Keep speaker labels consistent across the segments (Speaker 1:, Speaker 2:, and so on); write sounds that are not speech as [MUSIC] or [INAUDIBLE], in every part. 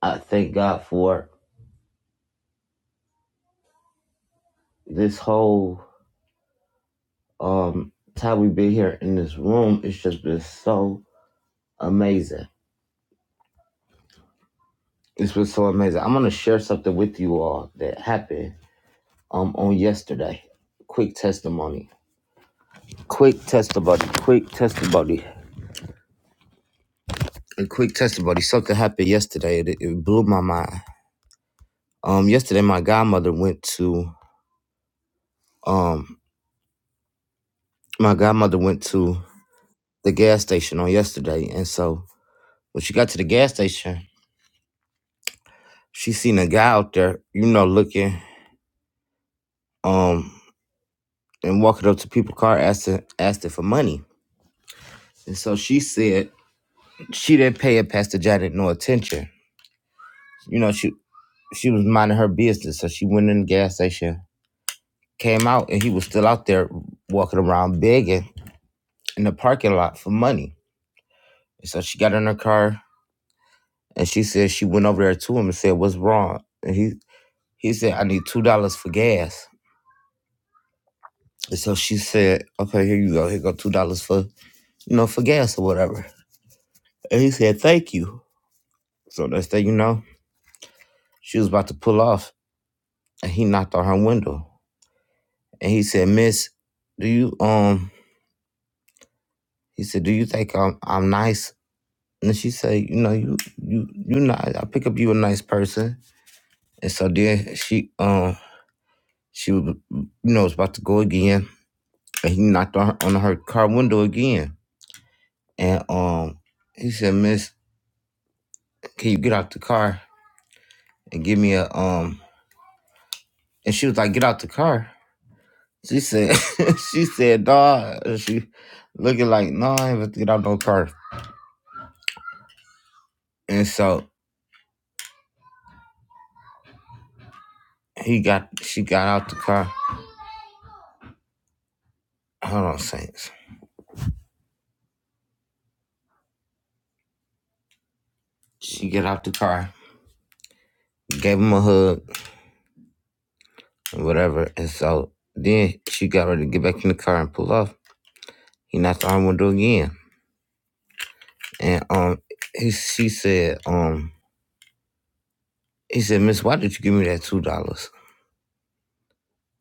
Speaker 1: I thank God for this whole um time we've been here in this room. It's just been so amazing. It's been so amazing. I'm gonna share something with you all that happened um on yesterday. Quick testimony. Quick testimony. Quick testimony. A quick testimony. Something happened yesterday. It, it blew my mind. Um, yesterday my godmother went to um my godmother went to the gas station on yesterday, and so when she got to the gas station, She seen a guy out there, you know, looking, um, and walking up to people's car, asking, asking for money. And so she said she didn't pay it Pastor Janet no attention. You know, she she was minding her business. So she went in the gas station, came out, and he was still out there walking around begging in the parking lot for money. And so she got in her car and she said she went over there to him and said, What's wrong? And he he said, I need two dollars for gas. And so she said, Okay, here you go, here go two dollars for you know, for gas or whatever. And he said, thank you. So next thing you know, she was about to pull off and he knocked on her window. And he said, Miss, do you um he said, Do you think I'm I'm nice? And she said, you know, you you you not I pick up you a nice person. And so then she um she was you know was about to go again and he knocked on her, on her car window again. And um he said, Miss, can you get out the car and give me a um and she was like, Get out the car. She said, [LAUGHS] she said, dog, she looking like, no, I ain't about to get out no car. And so he got, she got out the car. Hold on, Saints. She get out the car, gave him a hug, and whatever. And so then she got ready to get back in the car and pull off. He knocked on the window again. And um, he, she said, um, he said, Miss, why did you give me that two dollars?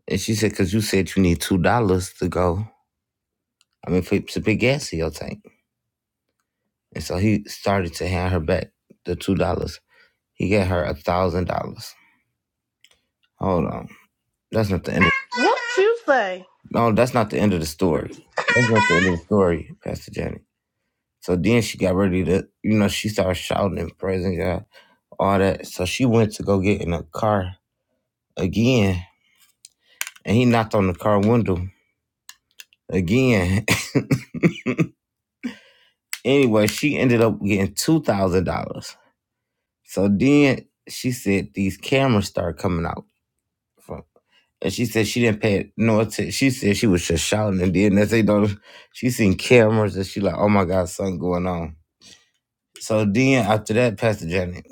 Speaker 1: And she said, cause you said you need two dollars to go. I mean, for, to put gas in your tank. And so he started to hand her back the two dollars. He gave her a thousand dollars. Hold on. That's not the end of
Speaker 2: What you say?
Speaker 1: no, that's not the end of the story. That's not the end of the story, Pastor Janet. So then she got ready to you know, she started shouting and praising God, all that. So she went to go get in a car again and he knocked on the car window again. [LAUGHS] anyway, she ended up getting two thousand dollars. So then she said these cameras started coming out Fuck. And she said she didn't pay no attention. She said she was just shouting, and then next thing you know, she seen cameras, and she like, "Oh my God, something going on." So then after that, Pastor Janet,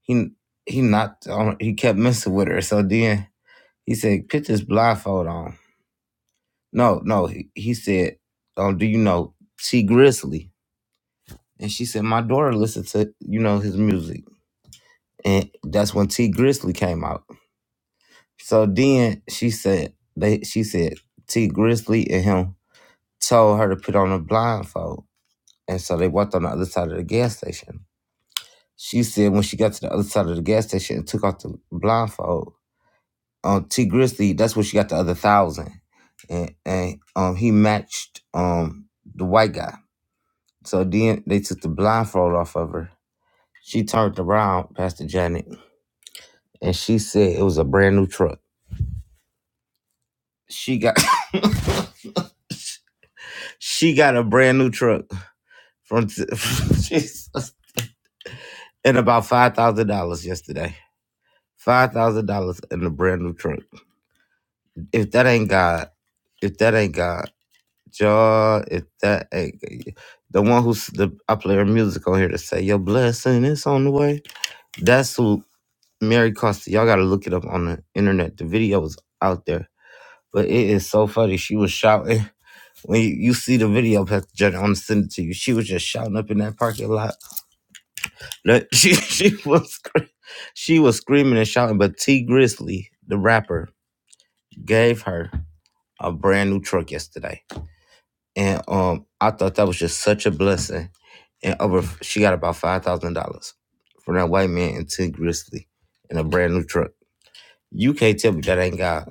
Speaker 1: he he knocked on, he kept messing with her. So then he said, "Put this blindfold on." No, no, he, he said, "Oh, do you know T Grizzly?" And she said, "My daughter listened to you know his music," and that's when T Grizzly came out. So then she said, "They," she said, "T Grizzly and him." told her to put on a blindfold. And so they walked on the other side of the gas station. She said when she got to the other side of the gas station and took off the blindfold, um, T Grizzly, that's where she got the other thousand. And, and um, he matched um, the white guy. So then they took the blindfold off of her. She turned around, Pastor Janet, and she said it was a brand new truck. She got [LAUGHS] [COUGHS] she got a brand new truck from [LAUGHS] Jesus, and about five thousand dollars yesterday. Five thousand dollars in a brand new truck. If that ain't God, if that ain't God, y'all, if that ain't the one who's the I play her music on here to say your blessing is on the way. That's who Mary Costa. Y'all gotta look it up on the internet. The video is out there, but it is so funny. She was shouting. When you, you see the video, Pastor Jenny, I'm gonna send it to you. She was just shouting up in that parking lot. That- [LAUGHS] She she was scre- she was screaming and shouting, but T Grizzly, the rapper, gave her. a brand new truck yesterday, and um, I thought that was just such a blessing. And over, she got about five thousand dollars from that white man and Ted Grizzly in a brand new truck. You can't tell me that ain't God.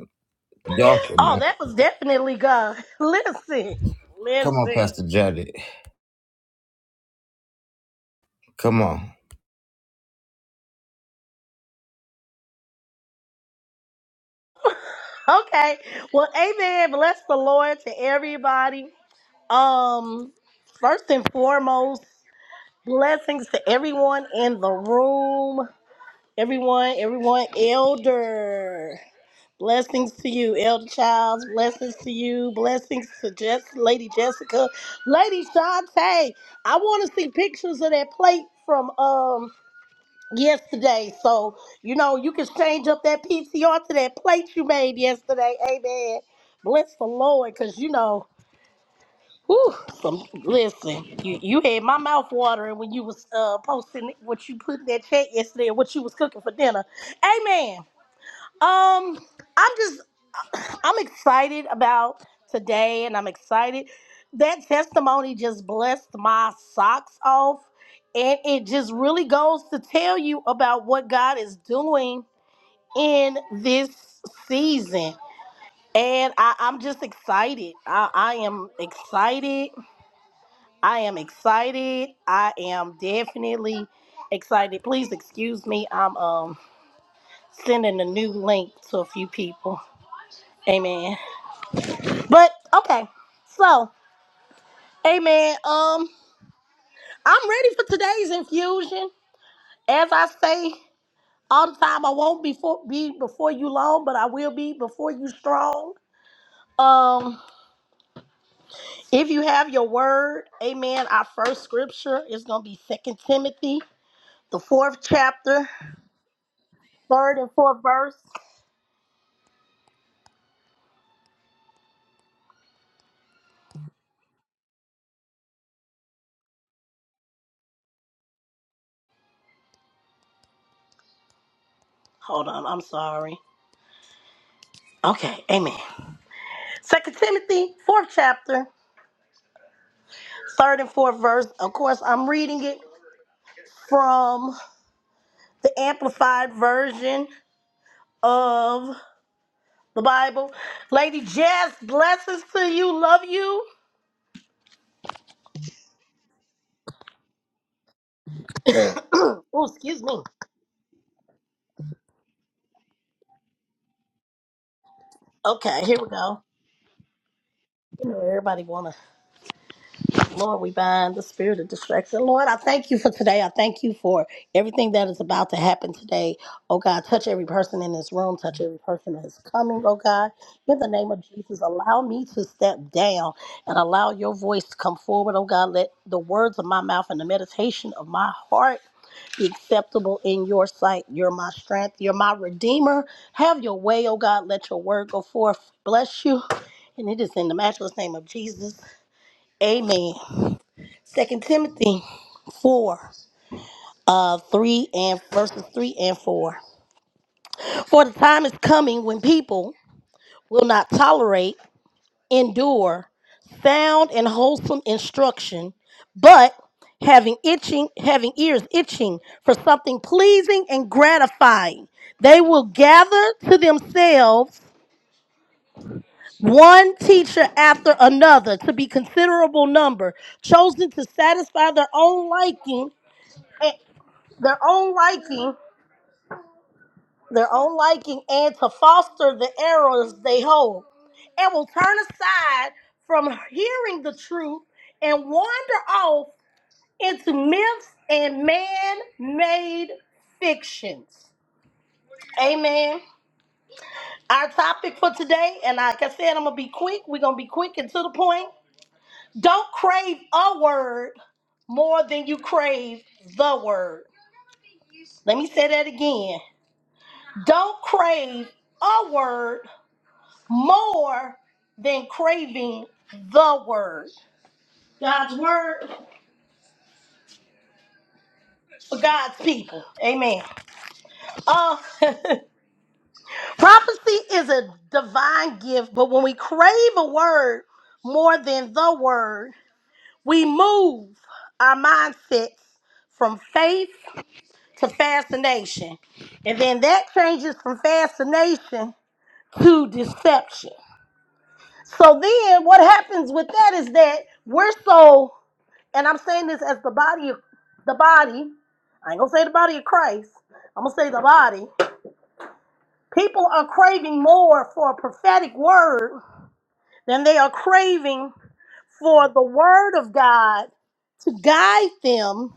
Speaker 1: Y'all,
Speaker 2: Oh,
Speaker 1: cannot-
Speaker 2: that was definitely God. [LAUGHS] Listen,
Speaker 1: come on,
Speaker 2: listen.
Speaker 1: Pastor Janet. Come on,
Speaker 2: Okay. Well, amen. Bless the Lord to everybody. Um, first and foremost, blessings to everyone in the room. Everyone, everyone, elder. Blessings to you, Elder Childs. Blessings to you. Blessings to Jess, Lady Jessica, Lady Shantae. I want to see pictures of that plate from um yesterday. So, you know, you can change up that PCR to that plate you made yesterday. Amen. Bless the Lord, because, you know, whew, some, listen, you, you had my mouth watering when you was uh, posting what you put in that chat yesterday and what you was cooking for dinner. Amen. Um, I'm just, I'm excited about today and I'm excited. That testimony just blessed my socks off. And it just really goes to tell you about what God is doing in this season. And I, I'm just excited. I, I am excited. I am excited. I am definitely excited. Please excuse me. I'm um sending a new link to a few people. Amen. But okay. So Amen. um, I'm ready for today's infusion. As I say all the time, I won't before be before you long, but I will be before you strong. Um, if you have your word, amen. Our first scripture is gonna be Second Timothy, the fourth chapter, third and fourth verse. Hold on, I'm sorry. Okay, amen. Second Timothy, fourth chapter, third and fourth verse. Of course, I'm reading it from the amplified version of the Bible. Lady Jazz, blessings to you. Love you. [CLEARS THROAT] oh, excuse me. Okay, here we go. You know everybody wanna. Lord, we bind the spirit of distraction. Lord, I thank you for today. I thank you for everything that is about to happen today. Oh God, touch every person in this room, touch every person that is coming. Oh God, in the name of Jesus, allow me to step down and allow your voice to come forward. Oh God, let the words of my mouth and the meditation of my heart be acceptable in your sight. You're my strength. You're my redeemer. Have your way, oh God. Let your word go forth. Bless you. And it is in the matchless name of Jesus. Amen. Second Timothy four, uh, three and verses three and four. For the time is coming when people will not tolerate, endure sound and wholesome instruction, but having itching, having ears itching for something pleasing and gratifying, they will gather to themselves one teacher after another to be considerable number, chosen to satisfy their own liking, eh, their own liking their own liking and to foster the errors they hold, and will turn aside from hearing the truth and wander off into myths and man made fictions. Amen. Our topic for today, and like I said, I'm going to be quick. We're going to be quick and to the point. Don't crave a word more than you crave the word. Let me say that again. Don't crave a word more than craving the word. God's word for God's people. Amen. Uh, [LAUGHS] prophecy is a divine gift, but when we crave a word more than the word, we move our mindsets from faith to fascination. And then that changes from fascination to deception. So then what happens with that is that we're so And I'm saying this as the body of the body. I ain't gonna say the body of Christ. I'm gonna say the body. People are craving more for a prophetic word than they are craving for the word of God to guide them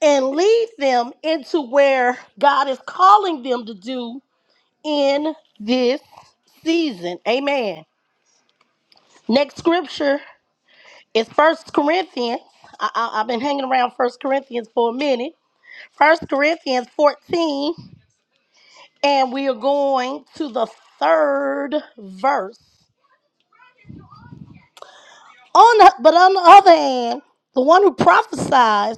Speaker 2: and lead them into where God is calling them to do in this season. Amen. Next scripture is First Corinthians. I, I, I've been hanging around First Corinthians for a minute. First Corinthians 14, and we are going to the third verse. On the, but on the other hand, the one who prophesies,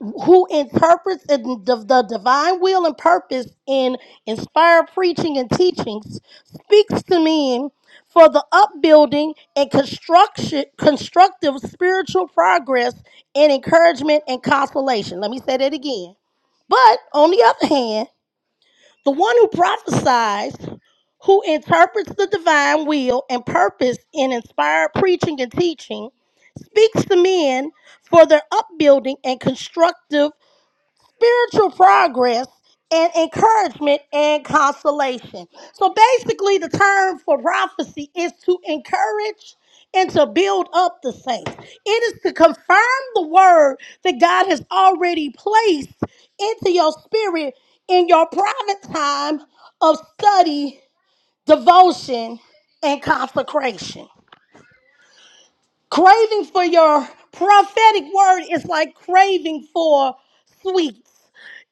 Speaker 2: who interprets in the, the divine will and purpose in inspired preaching and teachings, speaks to men for the upbuilding and construction, constructive spiritual progress and encouragement and consolation. Let me say that again. But on the other hand, The one who prophesies, who interprets the divine will and purpose in inspired preaching and teaching, speaks to men for their upbuilding and constructive spiritual progress and encouragement and consolation. So basically, the term for prophecy is to encourage and to build up the saints. It is to confirm the word that God has already placed into your spirit in your private time of study, devotion, and consecration. Craving for your prophetic word is like craving for sweet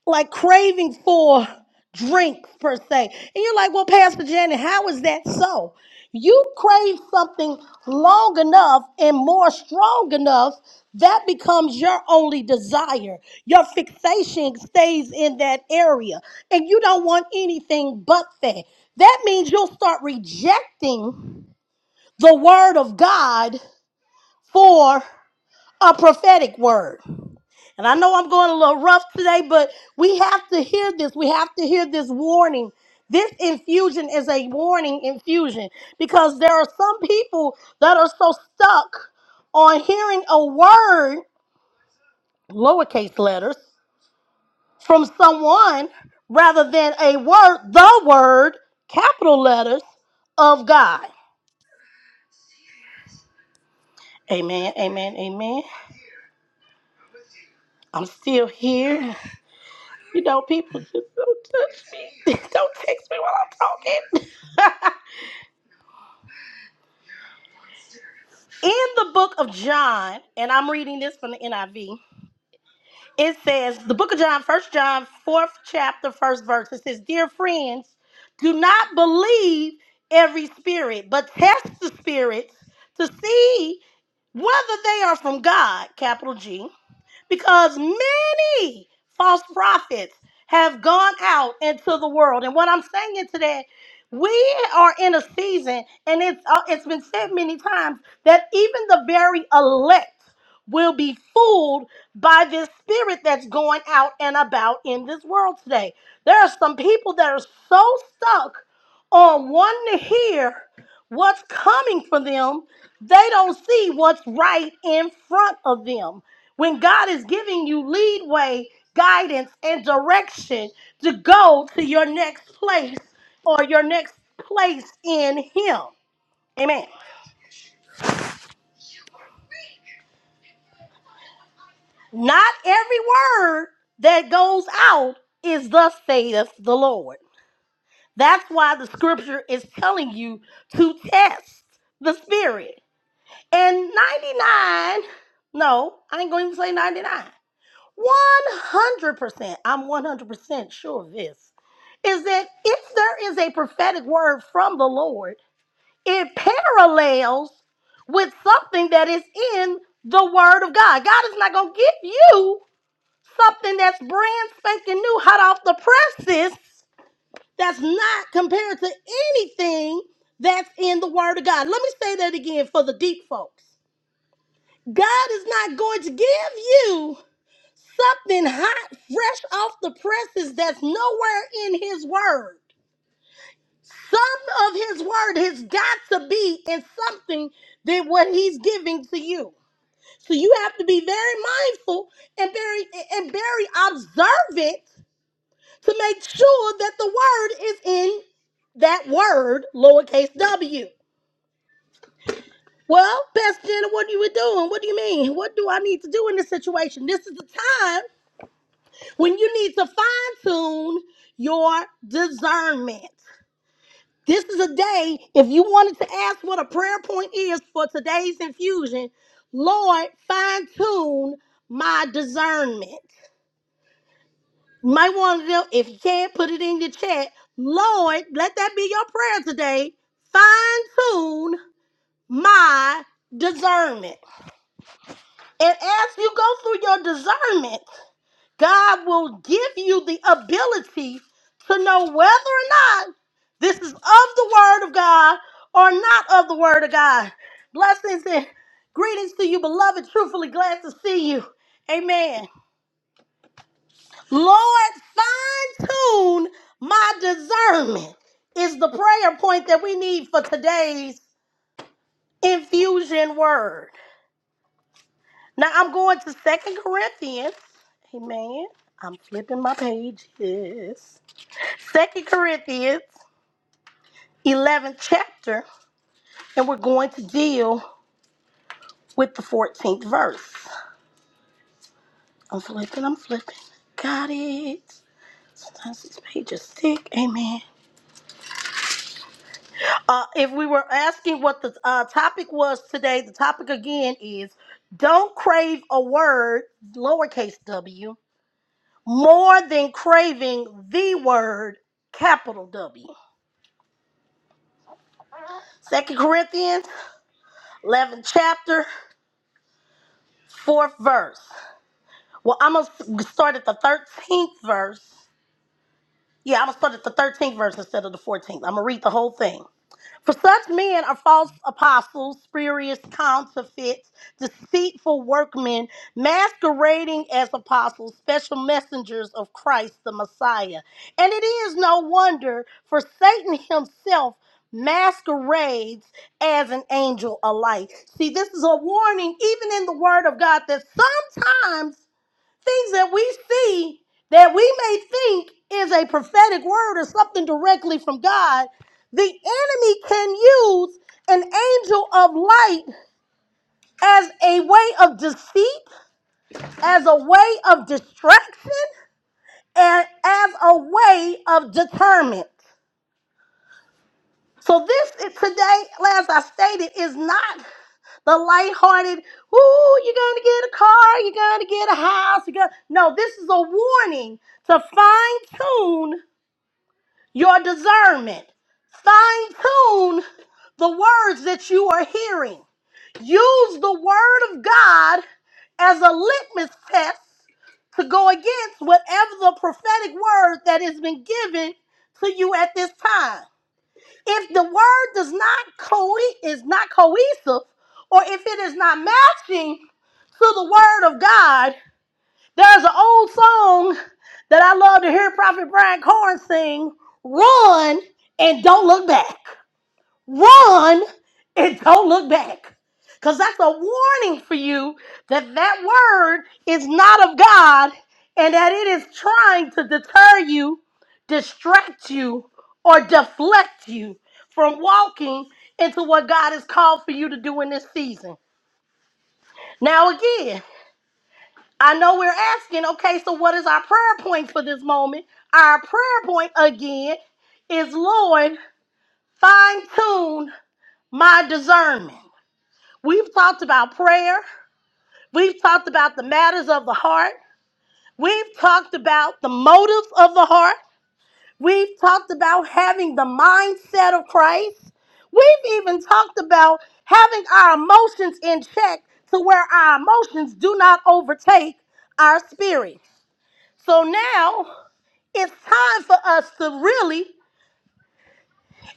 Speaker 2: like craving for drink per se. And you're like, well, Pastor Janet, how is that so? You crave something long enough and more strong enough, that becomes your only desire. Your fixation stays in that area, and you don't want anything but that. That means you'll start rejecting the word of God for a prophetic word. And I know I'm going a little rough today, but we have to hear this. We have to hear this warning. This infusion is a warning infusion because there are some people that are so stuck on hearing a word, lowercase letters, from someone rather than a word, the word, capital letters of God. Amen, amen, amen. I'm still here. You know, people just don't touch me. [LAUGHS] Don't text me while I'm talking. [LAUGHS] In the book of John, and I'm reading this from the NIV, it says, the book of John, First John, 4th chapter, 1st verse, it says, Dear friends, do not believe every spirit, but test the spirits to see whether they are from God, capital G because many false prophets have gone out into the world. And what I'm saying today, we are in a season, and it's uh, it's been said many times that even the very elect will be fooled by this spirit that's going out and about in this world today. There are some people that are so stuck on wanting to hear what's coming for them, they don't see what's right in front of them. When God is giving you leadway, guidance, and direction to go to your next place or your next place in Him. Amen. Not every word that goes out is thus saith the Lord. That's why the scripture is telling you to test the spirit. And 99, no, I ain't going to even say 99. 100%, I'm 100% sure of this, is that if there is a prophetic word from the Lord, it parallels with something that is in the Word of God. God is not going to give you something that's brand spanking new, hot off the presses, that's not compared to anything that's in the Word of God. Let me say that again for the deep folks. God is not going to give you. Something hot, fresh off the presses that's nowhere in his word. Some of his word has got to be in something than what he's giving to you. So you have to be very mindful and very and very observant to make sure that the word is in that word, lowercase w. Well, Pastor Jenna, what are you doing? What do you mean? What do I need to do in this situation? This is the time. when you need to fine tune your discernment. This is a day, if you wanted to ask what a prayer point is for today's infusion, Lord, fine tune my discernment. You might want to, if you can't, put it in the chat. Lord, let that be your prayer today. Fine tune my discernment. And as you go through your discernment, God will give you the ability to know whether or not this is of the Word of God or not of the Word of God. Blessings and greetings to you, beloved. Truthfully glad to see you. Amen. Lord, fine tune my discernment is the prayer point that we need for today's infusion word. Now I'm going to Second Corinthians. Amen. I'm flipping my pages. Second Corinthians 11th chapter, and we're going to deal with the 14th verse. I'm flipping, I'm flipping. Got it. Sometimes these pages stick. Amen. Uh, if we were asking what the uh, topic was today, the topic again is don't crave a word, lowercase w, more than craving the word, capital W. Second Corinthians 11th chapter, fourth verse. Well, I'm going to start at the 13th verse. Yeah, I'm going to start at the 13th verse instead of the 14th. I'm going to read the whole thing. For such men are false apostles, spurious counterfeits, deceitful workmen, masquerading as apostles, special messengers of Christ the Messiah. And it is no wonder, for Satan himself masquerades as an angel of light. See, this is a warning, even in the Word of God, that sometimes things that we see that we may think is a prophetic word or something directly from God, the enemy can use an angel of light as a way of deceit, as a way of distraction, and as a way of determent. So this is today, as I stated, is not the lighthearted, ooh, you're gonna get a car, you're gonna get a house, you're gonna no, this is a warning to fine-tune your discernment. Fine tune the words that you are hearing. Use the word of God as a litmus test to go against whatever the prophetic word that has been given to you at this time. If the word does not co- is not cohesive, or if it is not matching to the word of God, there's an old song that I love to hear Prophet Brian Corn sing Run and Don't Look Back. Run and Don't Look Back. Because that's a warning for you that that word is not of God and that it is trying to deter you, distract you, or deflect you from walking into what God has called for you to do in this season. Now, again, I know we're asking, okay, so what is our prayer point for this moment? Our prayer point again is Lord, fine tune my discernment. We've talked about prayer, we've talked about the matters of the heart, we've talked about the motives of the heart, we've talked about having the mindset of Christ, we've even talked about having our emotions in check to where our emotions do not overtake our spirit. So now, It's time for us to really,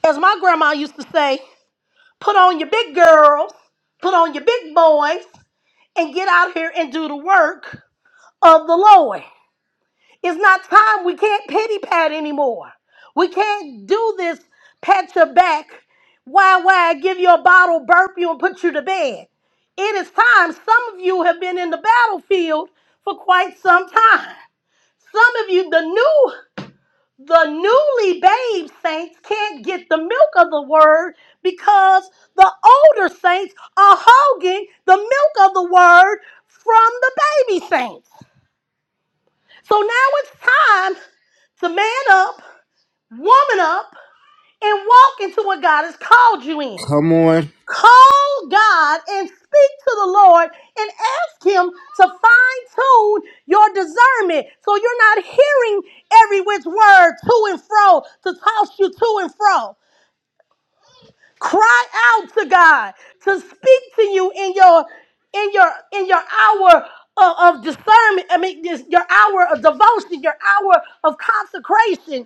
Speaker 2: as my grandma used to say, put on your big girls, put on your big boys, and get out here and do the work of the Lord. It's not time. We can't pity pat anymore. We can't do this pat your back, why, why, give you a bottle, burp you, and put you to bed. It is time. Some of you have been in the battlefield for quite some time. Some of you, the new The newly bathed saints can't get the milk of the word because the older saints are hogging the milk of the word from the baby saints. So now it's time to man up, woman up, and walk into what God has called you in.
Speaker 1: come on.
Speaker 2: Call God and speak to the Lord and ask Him to fine tune your discernment so you're not hearing every which word to and fro to toss you to and fro. Cry out to God to speak to you in your in your in your hour of, of discernment. I mean, this, your hour of devotion, your hour of consecration,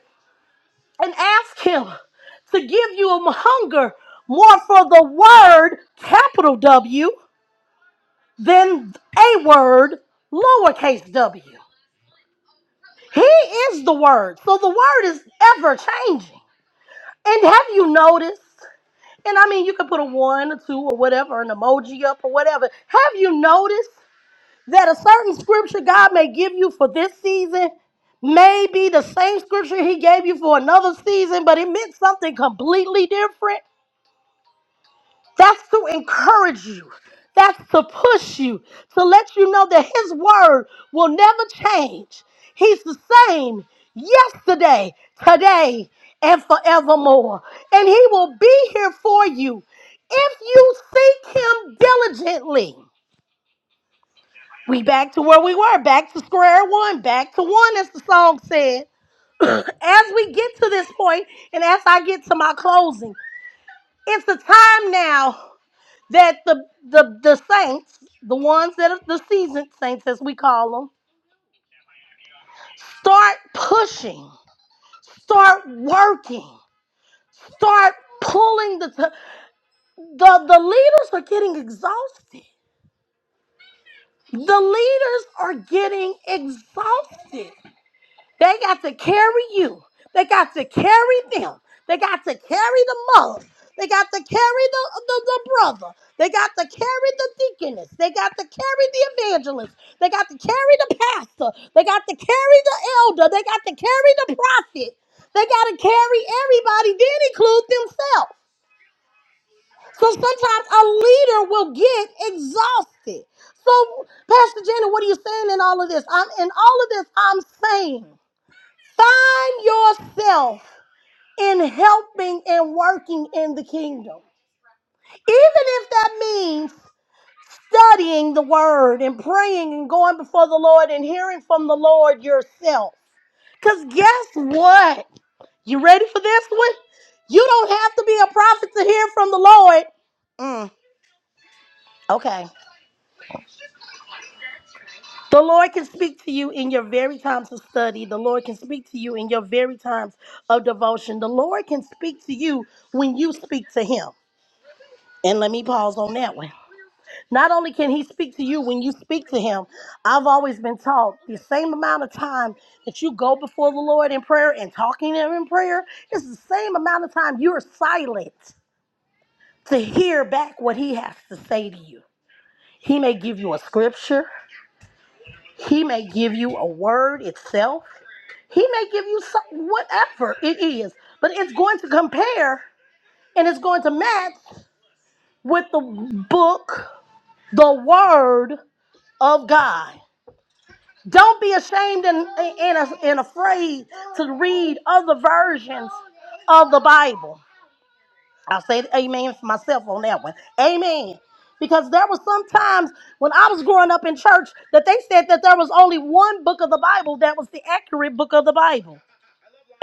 Speaker 2: and ask Him to give you a hunger more for the word capital W than a word lowercase w. He is the word, so the word is ever changing. And have you noticed? And I mean, you could put a one, a two, or whatever, an emoji up, or whatever. Have you noticed that a certain scripture God may give you for this season may be the same scripture He gave you for another season, but it meant something completely different? That's to encourage you. That's to push you, to let you know that His word will never change. He's the same yesterday, today, and forevermore. And He will be here for you if you seek Him diligently. We back to where we were, back to square one, back to one, as the song said. [CLEARS THROAT] as we get to this point, and as I get to my closing, it's the time now that the the the saints, the ones that are the seasoned saints as we call them, start pushing, start working, start pulling the the the leaders are getting exhausted. The leaders are getting exhausted. They got to carry you. They got to carry them. They got to carry the mother. They got to carry the, the, the brother. They got to carry the deaconess. They got to carry the evangelist. They got to carry the pastor. They got to carry the elder. They got to carry the prophet. They got to carry everybody, then include themselves. So sometimes a leader will get exhausted. So, Pastor Jenna, what are you saying in all of this? I'm in all of this, I'm saying. Find yourself in helping and working in the kingdom. Even if that means studying the word and praying and going before the Lord and hearing from the Lord yourself. Because guess what? You ready for this one? You don't have to be a prophet to hear from the Lord. Mm, okay. The Lord can speak to you in your very times of study. The Lord can speak to you in your very times of devotion. The Lord can speak to you when you speak to Him. And let me pause on that one. Not only can he speak to you when you speak to him, I've always been taught the same amount of time that you go before the Lord in prayer and talking to him in prayer is the same amount of time you're silent to hear back what he has to say to you. He may give you a scripture, he may give you a word itself, he may give you some, whatever it is, but it's going to compare and it's going to match with the book, the word of God. Don't be ashamed and, and, and afraid to read other versions of the Bible. I'll say amen for myself on that one. Amen. Because there was some times when I was growing up in church that they said that there was only one book of the Bible that was the accurate book of the Bible.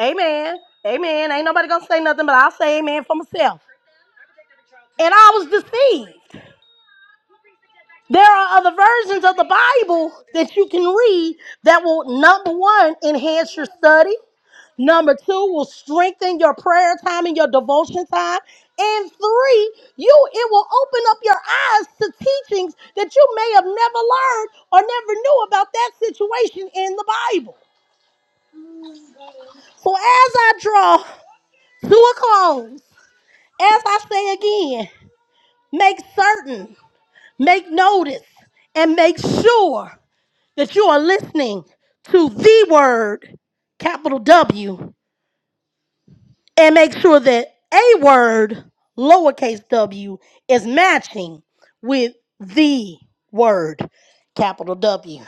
Speaker 2: Amen. Amen. Ain't nobody gonna say nothing, but I'll say amen for myself. And I was deceived. There are other versions of the Bible that you can read that will, number one, enhance your study. Number two will strengthen your prayer time and your devotion time. And three, you it will open up your eyes to teachings that you may have never learned or never knew about that situation in the Bible. So as I draw to a close, as I say again, make certain, make notice, and make sure that you are listening to the word, capital W. and make sure that a word lowercase w is matching with the word capital W.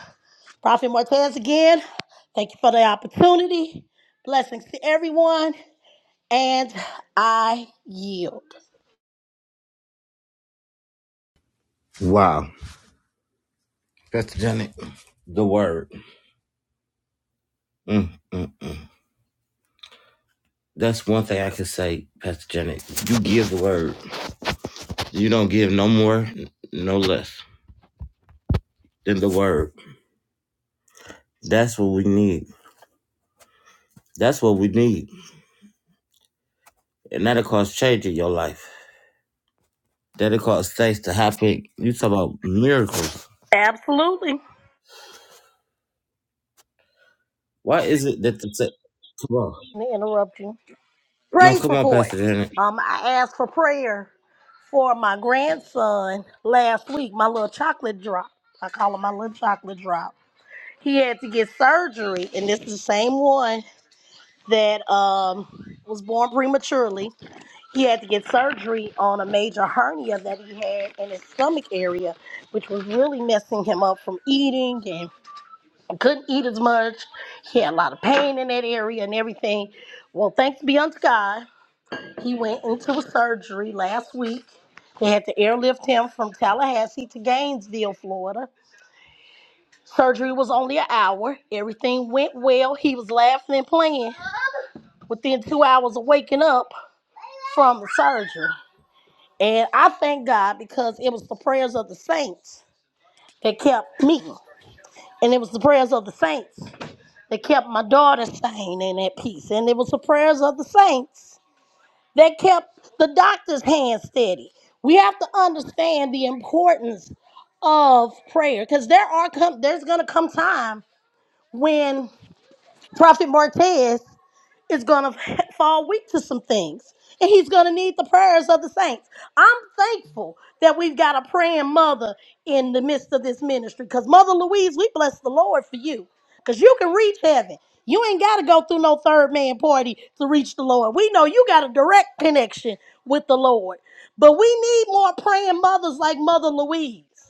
Speaker 2: Prophet Martez again, thank you for the opportunity. Blessings to everyone, and I yield.
Speaker 1: Wow, Pastor Janet, the word. Mm, mm, mm. That's one thing I can say, Pastor Janet. You give the word. You don't give no more, no less than the word. That's what we need. That's what we need. And that'll cause change in your life. That'll cause things to happen. You talk about miracles.
Speaker 2: Absolutely.
Speaker 1: Why is it that the se- come on?
Speaker 2: Let me interrupt you.
Speaker 1: No,
Speaker 2: Praise
Speaker 1: come on,
Speaker 2: report.
Speaker 1: Pastor Janet.
Speaker 2: Um, I asked for prayer for my grandson last week. My little chocolate drop. I call him my little chocolate drop He had to get surgery, and this is the same one that um was born prematurely. He had to get surgery on a major hernia that he had in his stomach area, which was really messing him up from eating and couldn't eat as much. He had a lot of pain in that area and everything. Well, thanks be unto God, he went into surgery last week. They had to airlift him from Tallahassee to Gainesville, Florida Surgery was only an hour. Everything went well. He was laughing and playing within two hours of waking up from the surgery. And I thank God because it was the prayers of the saints that kept me. And it was the prayers of the saints that kept my daughter sane and at peace. And it was the prayers of the saints that kept the doctor's hand steady. We have to understand the importance of prayer because there are come there's gonna come time when Prophet Martez is going to fall weak to some things, and he's going to need the prayers of the saints. I'm thankful that we've got a praying mother in the midst of this ministry because, Mother Louise, we bless the Lord for you because you can reach heaven. You ain't got to go through no third man party to reach the Lord. We know you got a direct connection with the Lord, but we need more praying mothers like Mother Louise.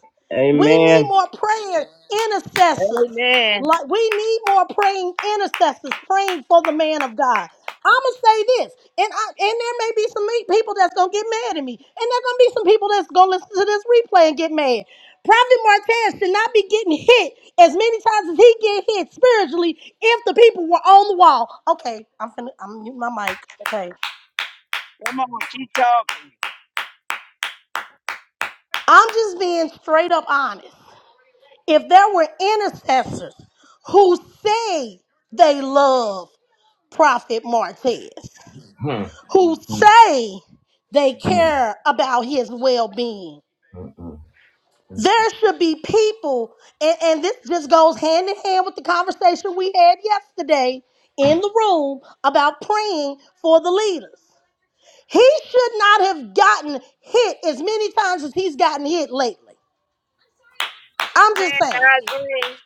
Speaker 2: We need
Speaker 1: Amen.
Speaker 2: more praying intercessors.
Speaker 3: Amen.
Speaker 2: Like we need more praying intercessors praying for the man of God. I'ma say this, and I, and there may be some me- people that's gonna get mad at me, and there gonna be some people that's gonna listen to this replay and get mad. Prophet Martez should not be getting hit as many times as he get hit spiritually if the people were on the wall. Okay, I'm finna, I'm mute my mic. Okay,
Speaker 3: Come on, keep talking.
Speaker 2: I'm just being straight up honest. if there were intercessors who say they love Prophet Martez,
Speaker 1: Hmm.
Speaker 2: who
Speaker 1: Hmm.
Speaker 2: say they
Speaker 1: Hmm.
Speaker 2: care about his well being,
Speaker 1: Hmm. Hmm. Hmm.
Speaker 2: there should be people, and, and this just goes hand in hand with the conversation we had yesterday in the room about praying for the leaders. He should not have gotten hit as many times as he's gotten hit lately. I'm just
Speaker 3: Man,
Speaker 2: saying.
Speaker 3: agree.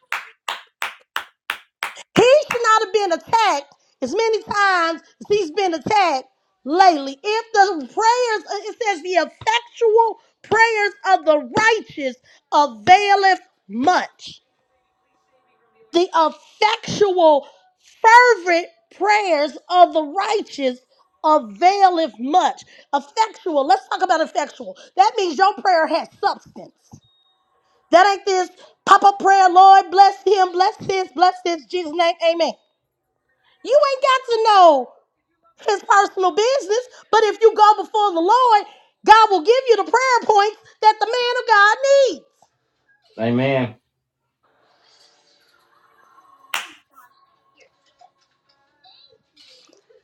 Speaker 2: He should not have been attacked as many times as he's been attacked lately. If the prayers, uh, it says the effectual prayers of the righteous availeth much. The effectual, fervent prayers of the righteous availeth much. Effectual, let's talk about effectual. That means your prayer has substance. That ain't this pop up prayer, Lord, bless him, bless this, bless this, Jesus' name, amen. You ain't got to know his personal business, but if you go before the Lord, God will give you the prayer points that the man of God needs.
Speaker 1: Amen.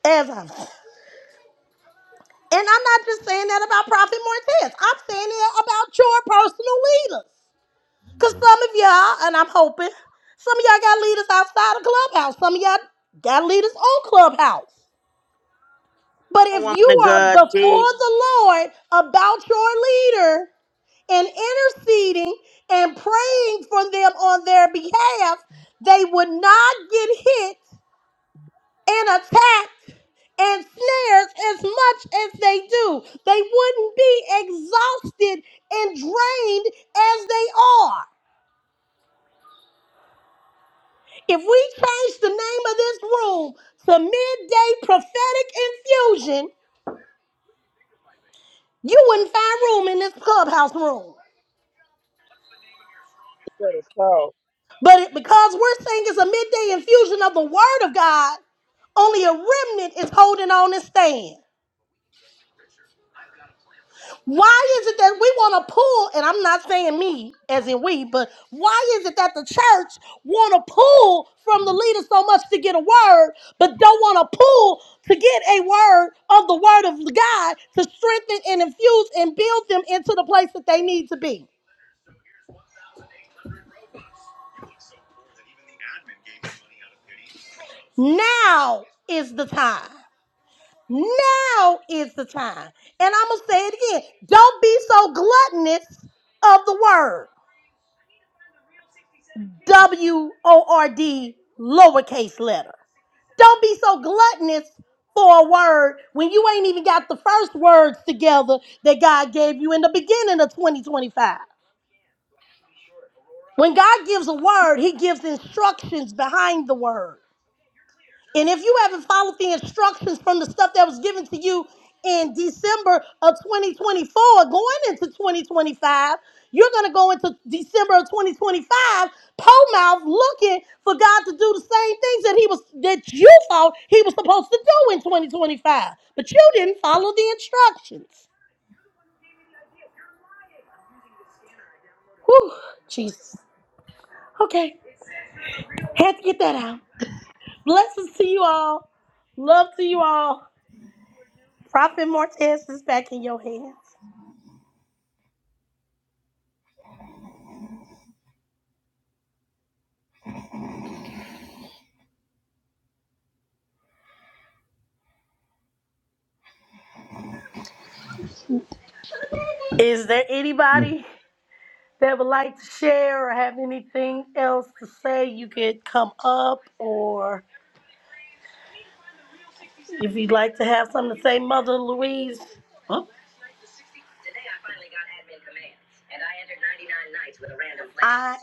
Speaker 2: As I'm, and I'm not just saying that about Prophet Martez. I'm saying it about your personal leaders. Cause some of y'all, and I'm hoping, some of y'all got leaders outside of Clubhouse. Some of y'all got leaders on Clubhouse. But
Speaker 3: I
Speaker 2: if
Speaker 3: want to
Speaker 2: you are
Speaker 3: God, T. You
Speaker 2: before the Lord about your leader and interceding and praying for them on their behalf, they would not get hit and attacked and snared as much as they do. They wouldn't be exhausted and drained as they are. If we change the name of this room to Midday Prophetic Infusion, you wouldn't find room in this clubhouse room.
Speaker 3: better talk.
Speaker 2: But it- because we're saying it's a midday infusion of the word of God, only a remnant is holding on and staying. Why is it that we want to pull, and I'm not saying me as in we, but why is it that the church want to pull from the leader so much to get a word, but don't want to pull to get a word of the word of God to strengthen and infuse and build them into the place that they need to be? Now is the time. Now is the time. And I'm going to say it again. Don't be so gluttonous of the word. W O R D, lowercase letter. Don't be so gluttonous for a word when you ain't even got the first words together that God gave you in the beginning of 2025. When God gives a word, He gives instructions behind the word. And if you haven't followed the instructions from the stuff that was given to you in December of 2024, going into 2025, you're going to go into December of 2025, pole mouth looking for God to do the same things that He was that you thought He was supposed to do in 2025, but you didn't follow the instructions. Whew, Jesus. Okay, had to get that out. Blessings to you all. Love to you all. Prophet Martez is back in your hands. Is there
Speaker 1: Hmm.
Speaker 2: anybody that would like to share or have anything else to say? You could come up, or if you'd like to have something to say, Mother Louise. Oh. I,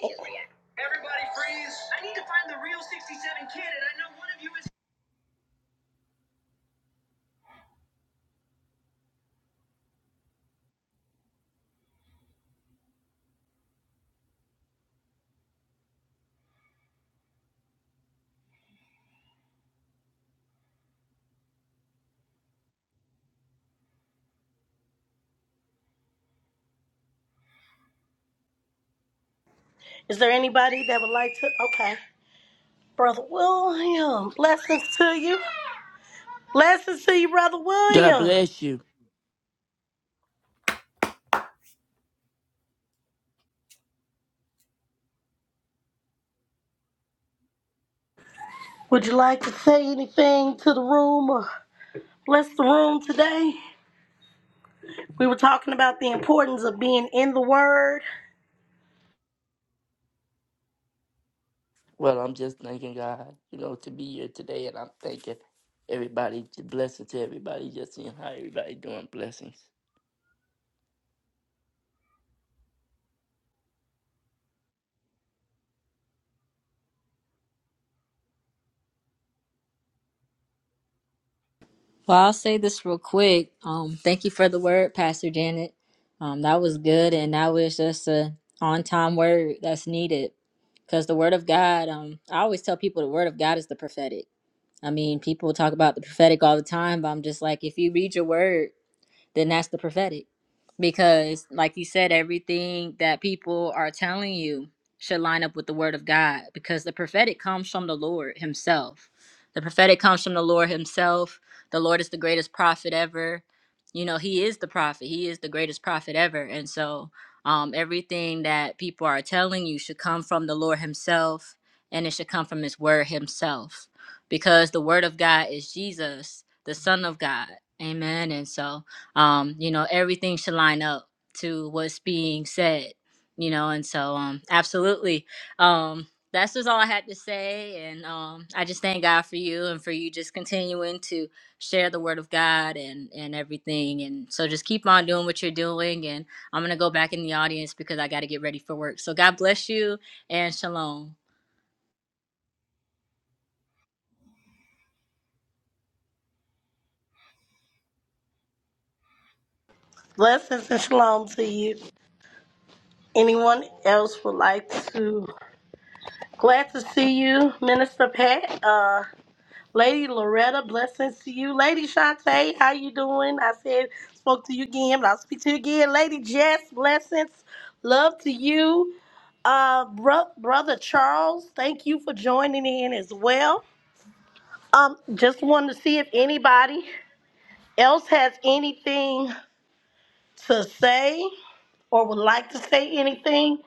Speaker 2: Is there anybody that would like to? Okay. Brother William, blessings to you. Blessings to you, Brother
Speaker 4: God
Speaker 2: William.
Speaker 4: bless you.
Speaker 2: Would you like to say anything to the room or bless the room today? We were talking about the importance of being in the Word.
Speaker 4: Well, I'm just thanking God, you know, to be here today, and I'm thanking everybody. Blessings to everybody, just seeing how everybody doing. Blessings.
Speaker 5: Well, I'll say this real quick. Um, thank you for the word, Pastor Janet. Um, that was good, and that was just a on-time word that's needed because the word of God. Um, I always tell people the word of God is the prophetic. I mean, people talk about the prophetic all the time, but I'm just like, if you read your word then that's the prophetic. Because, like you said, everything that people are telling you should line up with the word of God because the prophetic comes from the Lord Himself. The prophetic comes from the Lord Himself. The Lord is the greatest prophet ever. You know, He is the prophet, He is the greatest prophet ever. And so, um, everything that people are telling you should come from the Lord Himself and it should come from His word Himself because the word of God is Jesus, the Son of God. Amen. And so, um, you know, everything should line up to what's being said, you know, and so um, absolutely. Um, that's just all I had to say. And um, I just thank God for you and for you just continuing to share the word of God and, and everything. And so just keep on doing what you're doing. And I'm going to go back in the audience because I got to get ready for work. So God bless you and shalom.
Speaker 2: Blessings and shalom to you. Anyone else would like to? Glad to see you, Minister Pat. Uh, Lady Loretta, blessings to you. Lady Shantae, how you doing? I said, spoke to you again, but I'll speak to you again. Lady Jess, blessings. Love to you. Uh, bro- Brother Charles, thank you for joining in as well. Um, just wanted to see if anybody else has anything to say or would like to say anything.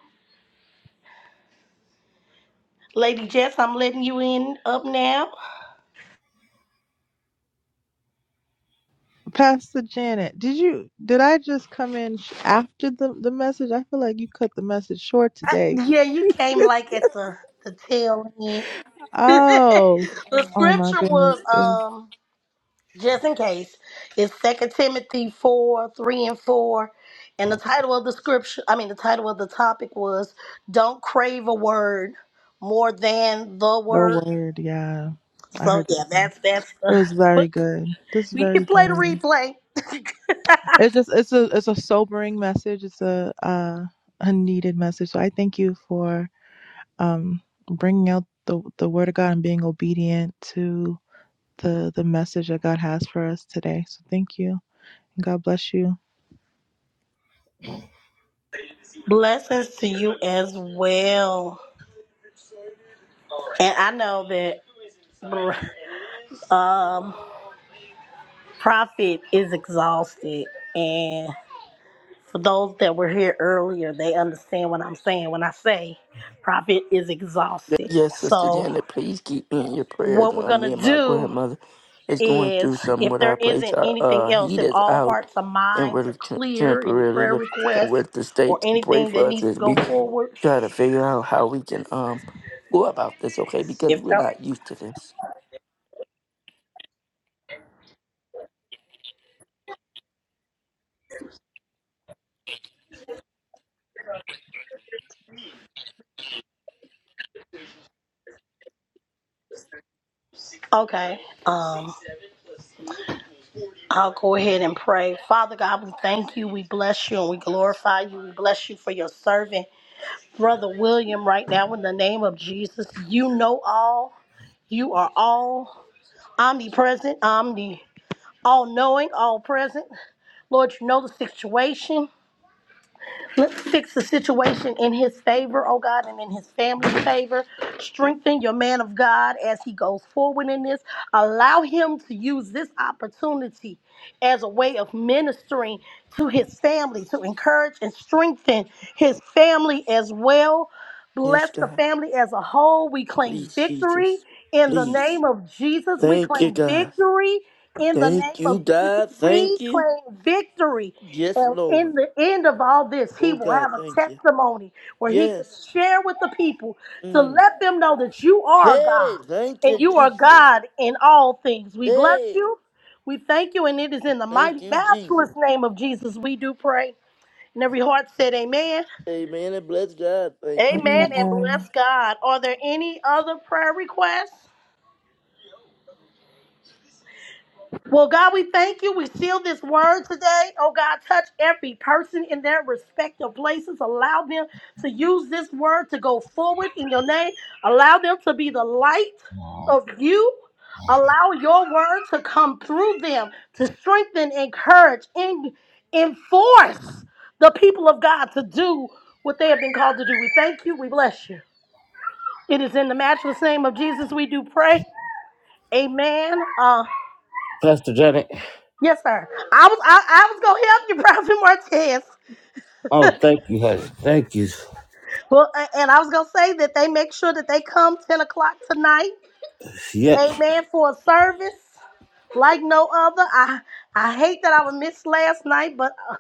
Speaker 2: Lady Jess, I'm letting you in up now.
Speaker 6: Pastor Janet, did you did I just come in sh- after the the message? I feel like you cut the message short
Speaker 2: I,
Speaker 6: today.
Speaker 2: yeah, you came like at the the tail end. [LAUGHS]
Speaker 6: Oh,
Speaker 2: the
Speaker 6: oh my
Speaker 2: scripture
Speaker 6: goodness,
Speaker 2: was
Speaker 6: it was
Speaker 2: um just in case. It's Second Timothy four, three and four. And the title of the scripture I mean the title of the topic was Don't Crave a Word More Than the
Speaker 6: the
Speaker 2: Word.
Speaker 6: word. Yeah, I
Speaker 2: So
Speaker 6: heard
Speaker 2: yeah,
Speaker 6: that part.
Speaker 2: that's that's. Uh,
Speaker 6: It was
Speaker 2: But
Speaker 6: very good. This is
Speaker 2: we can
Speaker 6: very
Speaker 2: play the
Speaker 6: good.
Speaker 2: replay.
Speaker 6: It's just it's a it's a sobering message. It's a uh, a needed message. So I thank you for um bringing out the the word of God and being obedient to the the message that God has for us today. So thank you. God bless you.
Speaker 2: [LAUGHS] Blessings to you as well. And I know that br- um, Prophet is exhausted. And for those that were here earlier, they understand what I'm saying when I say Prophet is exhausted.
Speaker 4: Yes, Sister
Speaker 2: So,
Speaker 4: Janet, please keep me in your prayers.
Speaker 2: what we're
Speaker 4: Uh,
Speaker 2: going to
Speaker 4: me and my
Speaker 2: do.
Speaker 4: grandmother is going
Speaker 2: is
Speaker 4: through something
Speaker 2: if
Speaker 4: with
Speaker 2: there
Speaker 4: our place.
Speaker 2: isn't
Speaker 4: Our
Speaker 2: anything
Speaker 4: uh,
Speaker 2: else,
Speaker 4: heat
Speaker 2: if
Speaker 4: is
Speaker 2: all
Speaker 4: out,
Speaker 2: hearts and
Speaker 4: and
Speaker 2: minds
Speaker 4: we're
Speaker 2: are
Speaker 4: t-
Speaker 2: clear, any
Speaker 4: temporarily
Speaker 2: prayer
Speaker 4: looking
Speaker 2: requests
Speaker 4: with the
Speaker 2: or
Speaker 4: state to pray
Speaker 2: anything
Speaker 4: for
Speaker 2: that
Speaker 4: us
Speaker 2: needs to
Speaker 4: as
Speaker 2: go
Speaker 4: we
Speaker 2: forward,
Speaker 4: try to figure out how we can um go about this, okay? Because
Speaker 2: if
Speaker 4: we're
Speaker 2: there,
Speaker 4: not used to this.
Speaker 2: okay, um, I'll go ahead and pray. Father God, we thank you, we bless you, and we glorify you. We bless you for your servant, Brother William, right now in the name of Jesus. You know all, you are all omnipresent, omni, all knowing, all present. Lord, you know the situation. Let's fix the situation in his favor, oh God, and in his family's favor. Strengthen your man of God as he goes forward in this. Allow him to use this opportunity as a way of ministering to his family, to encourage and strengthen his family as well. Bless
Speaker 4: Yes,
Speaker 2: the
Speaker 4: God.
Speaker 2: family as a whole. We claim
Speaker 4: Please,
Speaker 2: victory
Speaker 4: Jesus.
Speaker 2: in the
Speaker 4: Please.
Speaker 2: name of Jesus. We
Speaker 4: Thank you,
Speaker 2: claim
Speaker 4: God.
Speaker 2: victory in the
Speaker 4: Thank
Speaker 2: name
Speaker 4: you,
Speaker 2: of Jesus.
Speaker 4: God.
Speaker 2: We
Speaker 4: Thank you.
Speaker 2: claim victory
Speaker 4: Yes,
Speaker 2: and in
Speaker 4: Lord.
Speaker 2: the end of all this, he
Speaker 4: Oh,
Speaker 2: will
Speaker 4: God,
Speaker 2: have a
Speaker 4: thank you.
Speaker 2: testimony where he can
Speaker 4: Yes.
Speaker 2: share with the people to
Speaker 4: Mm.
Speaker 2: let them know that you are God
Speaker 4: Hey, thank you,
Speaker 2: and you are
Speaker 4: Jesus.
Speaker 2: God in all things. We bless
Speaker 4: Hey,
Speaker 2: you. We thank you. And it is in the
Speaker 4: thank
Speaker 2: mighty,
Speaker 4: you,
Speaker 2: matchless
Speaker 4: Jesus.
Speaker 2: name of Jesus we do pray. And every heart said, Amen.
Speaker 4: Amen. And bless God. Thank you,
Speaker 2: Amen. And
Speaker 4: Jesus.
Speaker 6: Amen.
Speaker 2: bless God. Are there any other prayer requests? Well, God, we thank you. We seal this word today. Oh, God, touch every person in their respective places. Allow them to use this word to go forward in your name. Allow them to be the light of you. Allow your word to come through them to strengthen, encourage, and enforce the people of God to do what they have been called to do. We thank you. We bless you. It is in the matchless name of Jesus we do pray. Amen. Uh.
Speaker 1: Pastor Janet.
Speaker 2: Yes, sir. I was I, I was gonna help you, [LAUGHS] Prophet Martez.
Speaker 1: Oh, thank you, honey. Thank you.
Speaker 2: Well, a- and I was gonna say that they make sure that they come ten o'clock tonight.
Speaker 1: Yeah,
Speaker 2: Amen for a service like no other. I I hate that I was missed last night, but uh,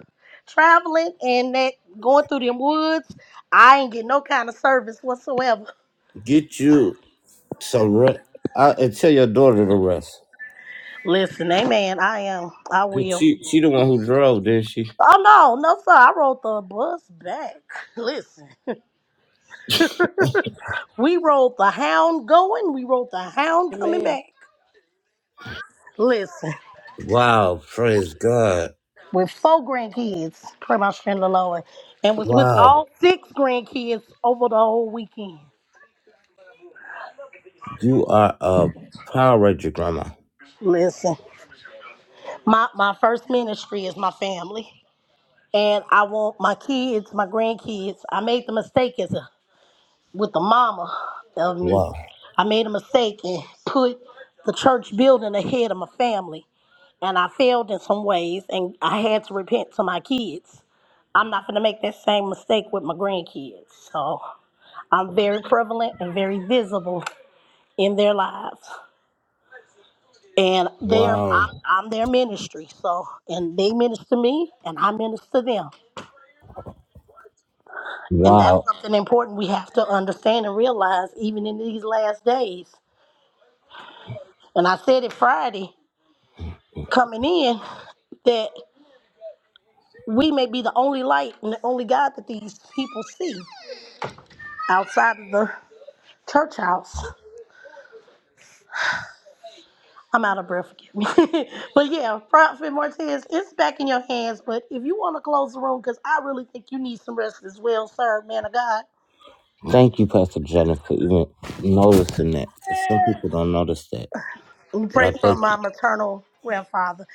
Speaker 2: traveling and that going through them woods, I ain't get no kind of service whatsoever.
Speaker 1: get you some rest. I, and tell your daughter to rest.
Speaker 2: Listen, Amen. I am. I
Speaker 1: 'Cause
Speaker 2: will.
Speaker 1: she she the one who drove, didn't she?
Speaker 2: Oh no, no sir. I rode the bus back. Listen, we rode the hound going. We rode the hound coming
Speaker 4: Amen.
Speaker 2: back. Listen,
Speaker 1: Wow, praise God.
Speaker 2: with four grandkids, pray my strength, the Lord, and was with
Speaker 1: Wow.
Speaker 2: all six grandkids over the whole weekend.
Speaker 1: You are a Power Ranger, Grandma.
Speaker 2: Listen, my, my first ministry is my family, and I want my kids, my grandkids. I made the mistake as a, with the mama of me.
Speaker 1: Wow.
Speaker 2: I made a mistake and put the church building ahead of my family, and I failed in some ways, and I had to repent to my kids. I'm not gonna make that same mistake with my grandkids. So. I'm very prevalent and very visible in their lives. And they are
Speaker 1: Wow.
Speaker 2: I'm I'm their ministry. So and they minister to me and I minister to them. And that's
Speaker 1: Wow.
Speaker 2: something important we have to understand and realize even in these last days. And I said it Friday coming in that we may be the only light and the only God that these people see outside of the church house. I'm out of breath, forgive me. [LAUGHS] but yeah, Prophet Martez, it's back in your hands. But if you want to close the room, because I really think you need some rest as well, sir, man of God.
Speaker 1: Thank you, Pastor Jennifer, for even noticing that. Because some people don't notice that.
Speaker 2: We
Speaker 1: But I
Speaker 2: pray for
Speaker 1: thank
Speaker 2: my
Speaker 1: you.
Speaker 2: maternal grandfather.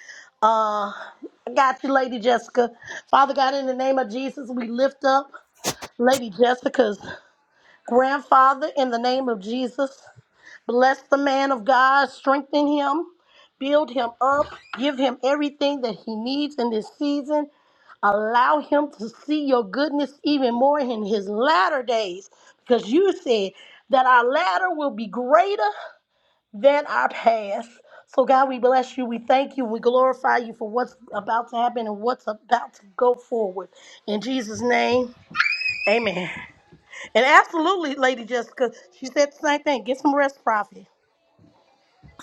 Speaker 2: Uh, I got you, Lady Jessica. Father God, in the name of Jesus, we lift up Lady Jessica's grandfather in the name of Jesus. Bless the man of God, strengthen him, build him up, give him everything that he needs in this season. Allow him to see your goodness even more in his latter days because you said that our latter will be greater than our past. So, God, we bless you. We thank you. We glorify you for what's about to happen and what's about to go forward. In Jesus' name, amen. And absolutely, Lady Jessica, she said the same thing. Get some rest, prophet.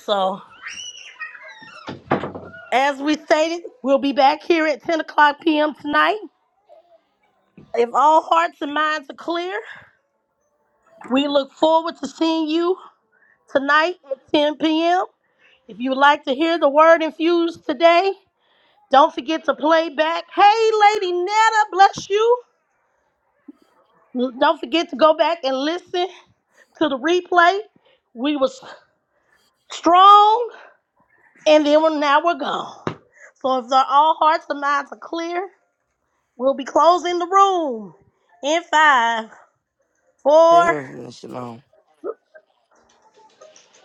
Speaker 2: So, as we stated, we'll be back here at 10 o'clock p.m. tonight. If all hearts and minds are clear, We look forward to seeing you tonight at 10 p.m. If you would like to hear the word infused today, don't forget to play back. Hey, Lady Netta, bless you. L- Don't forget to go back and listen to the replay. We was strong, and then we're, now we're gone. So if our all hearts and minds are clear, we'll be closing the room in five, four,
Speaker 4: Amen. Shalom.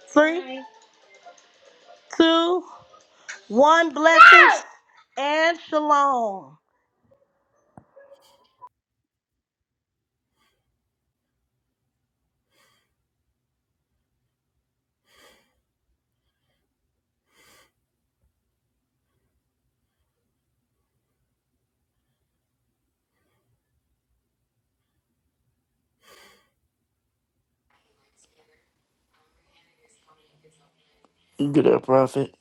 Speaker 2: three, two, one. Blessings and shalom.
Speaker 4: You Good up, prophet.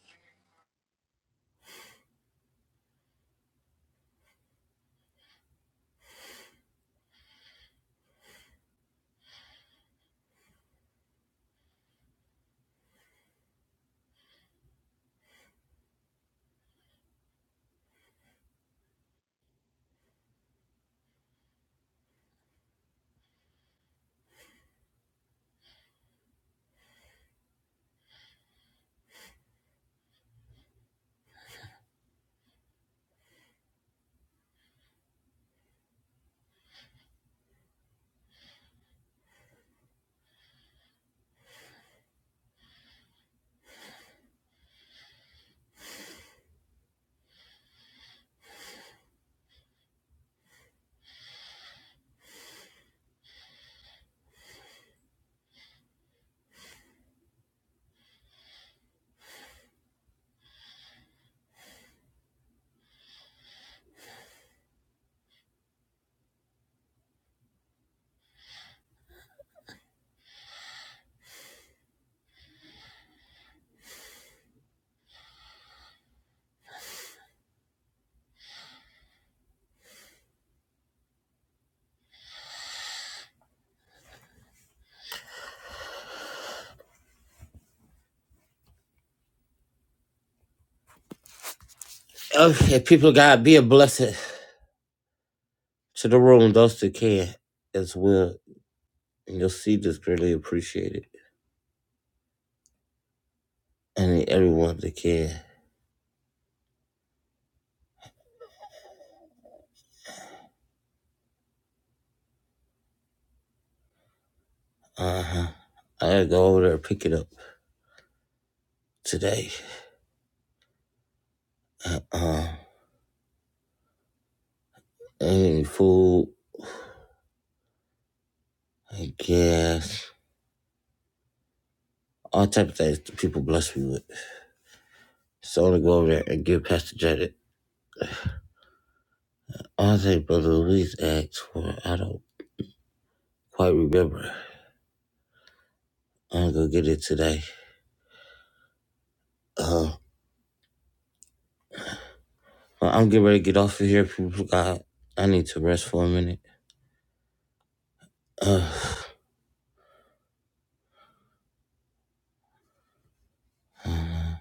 Speaker 1: Okay, people of God, be a blessing to the room, those that can as well. And you'll see this greatly appreciated. And everyone that can. Uh-huh. I gotta go over there and pick it up today. Uh-uh. Any food, I guess. All type of things that people bless me with. So I'm gonna go over there and give Pastor Janet I think Brother Luis asked for I don't quite remember. I'm gonna get it today. Uh, well, I'm getting ready to get off of here, people. of God, I need to rest for a minute. Uh, [SIGHS] uh,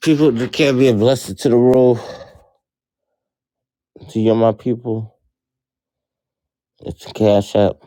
Speaker 1: people that can't be a blessing to the world, to you, my people. It's Cash App.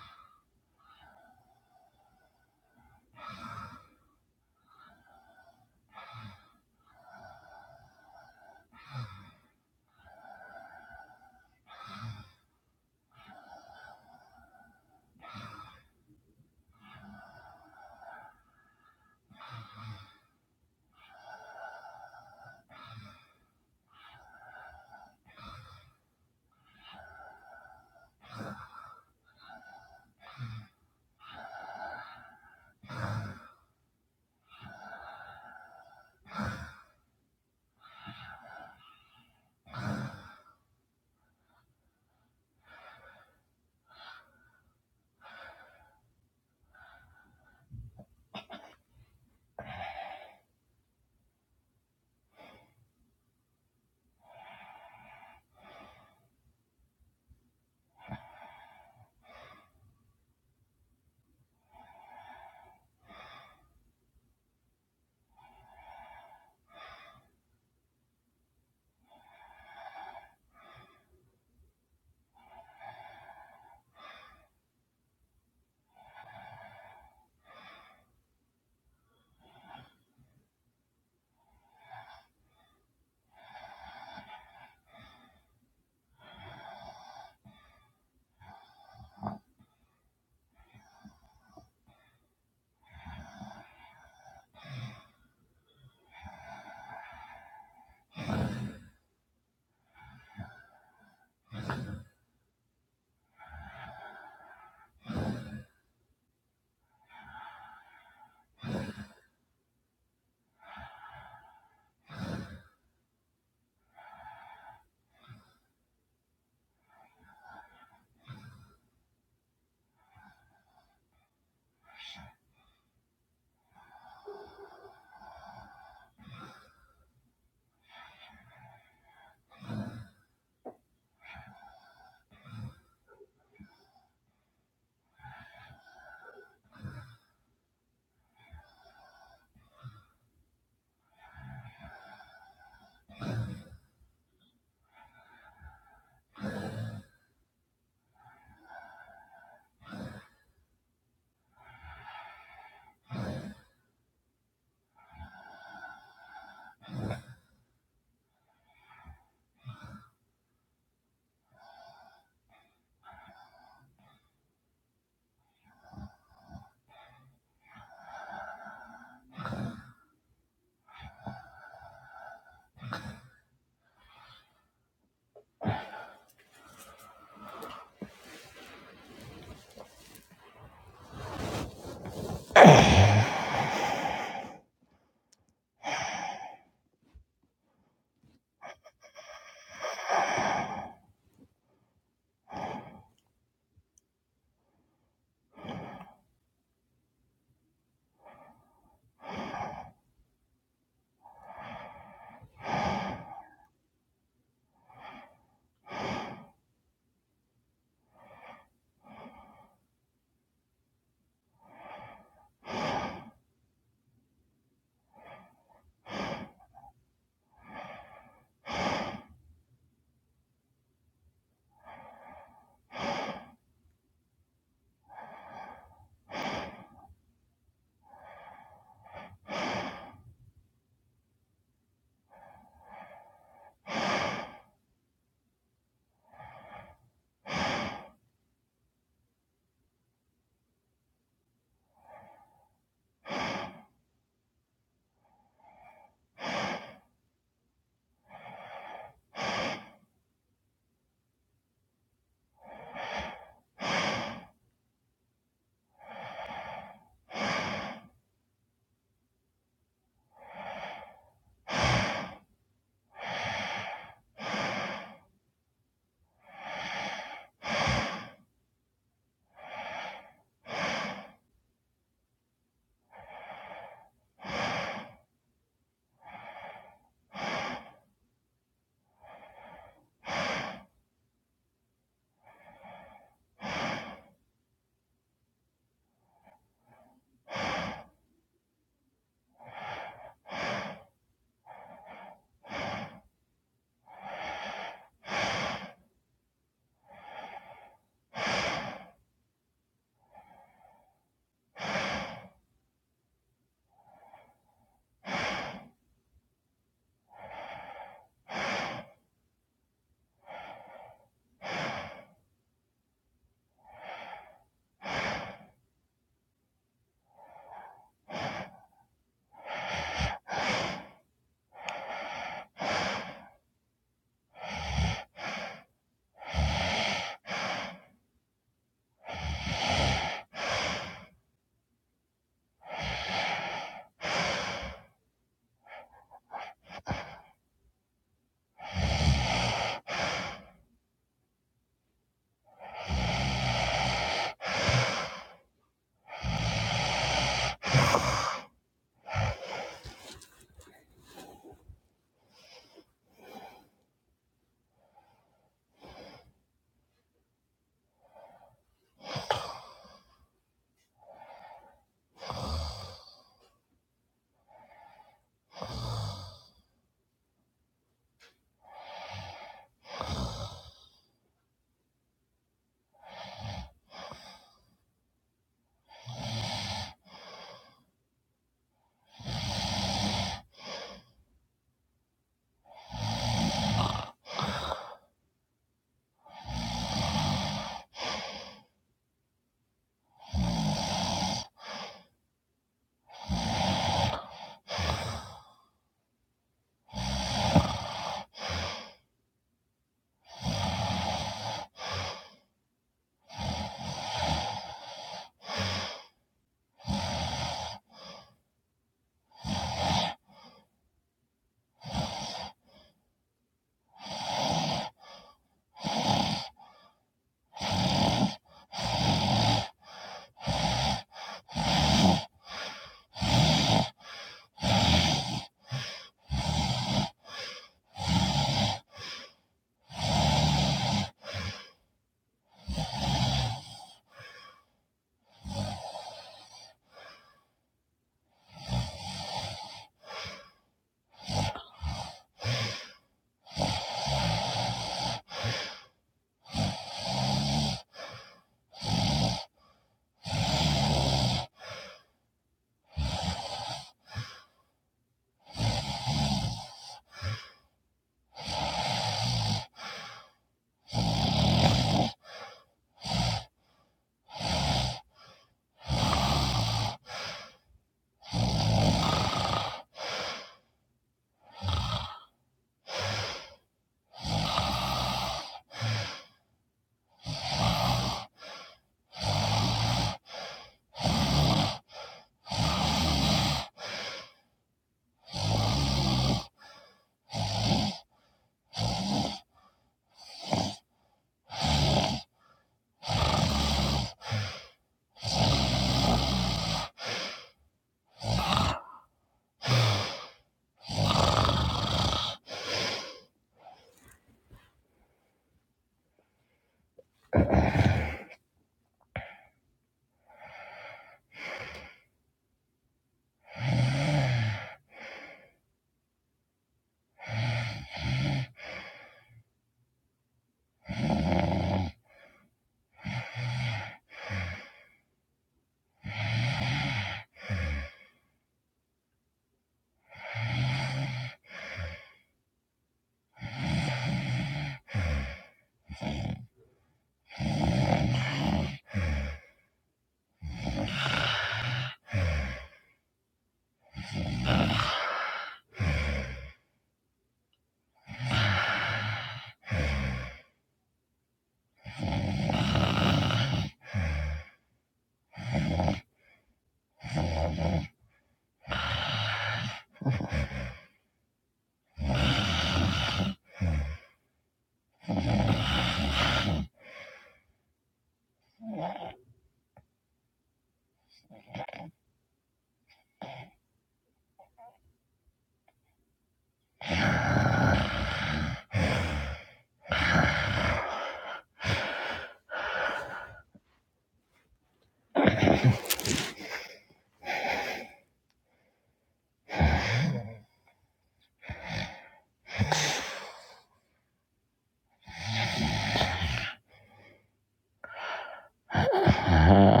Speaker 1: [SIGHS] [LAUGHS]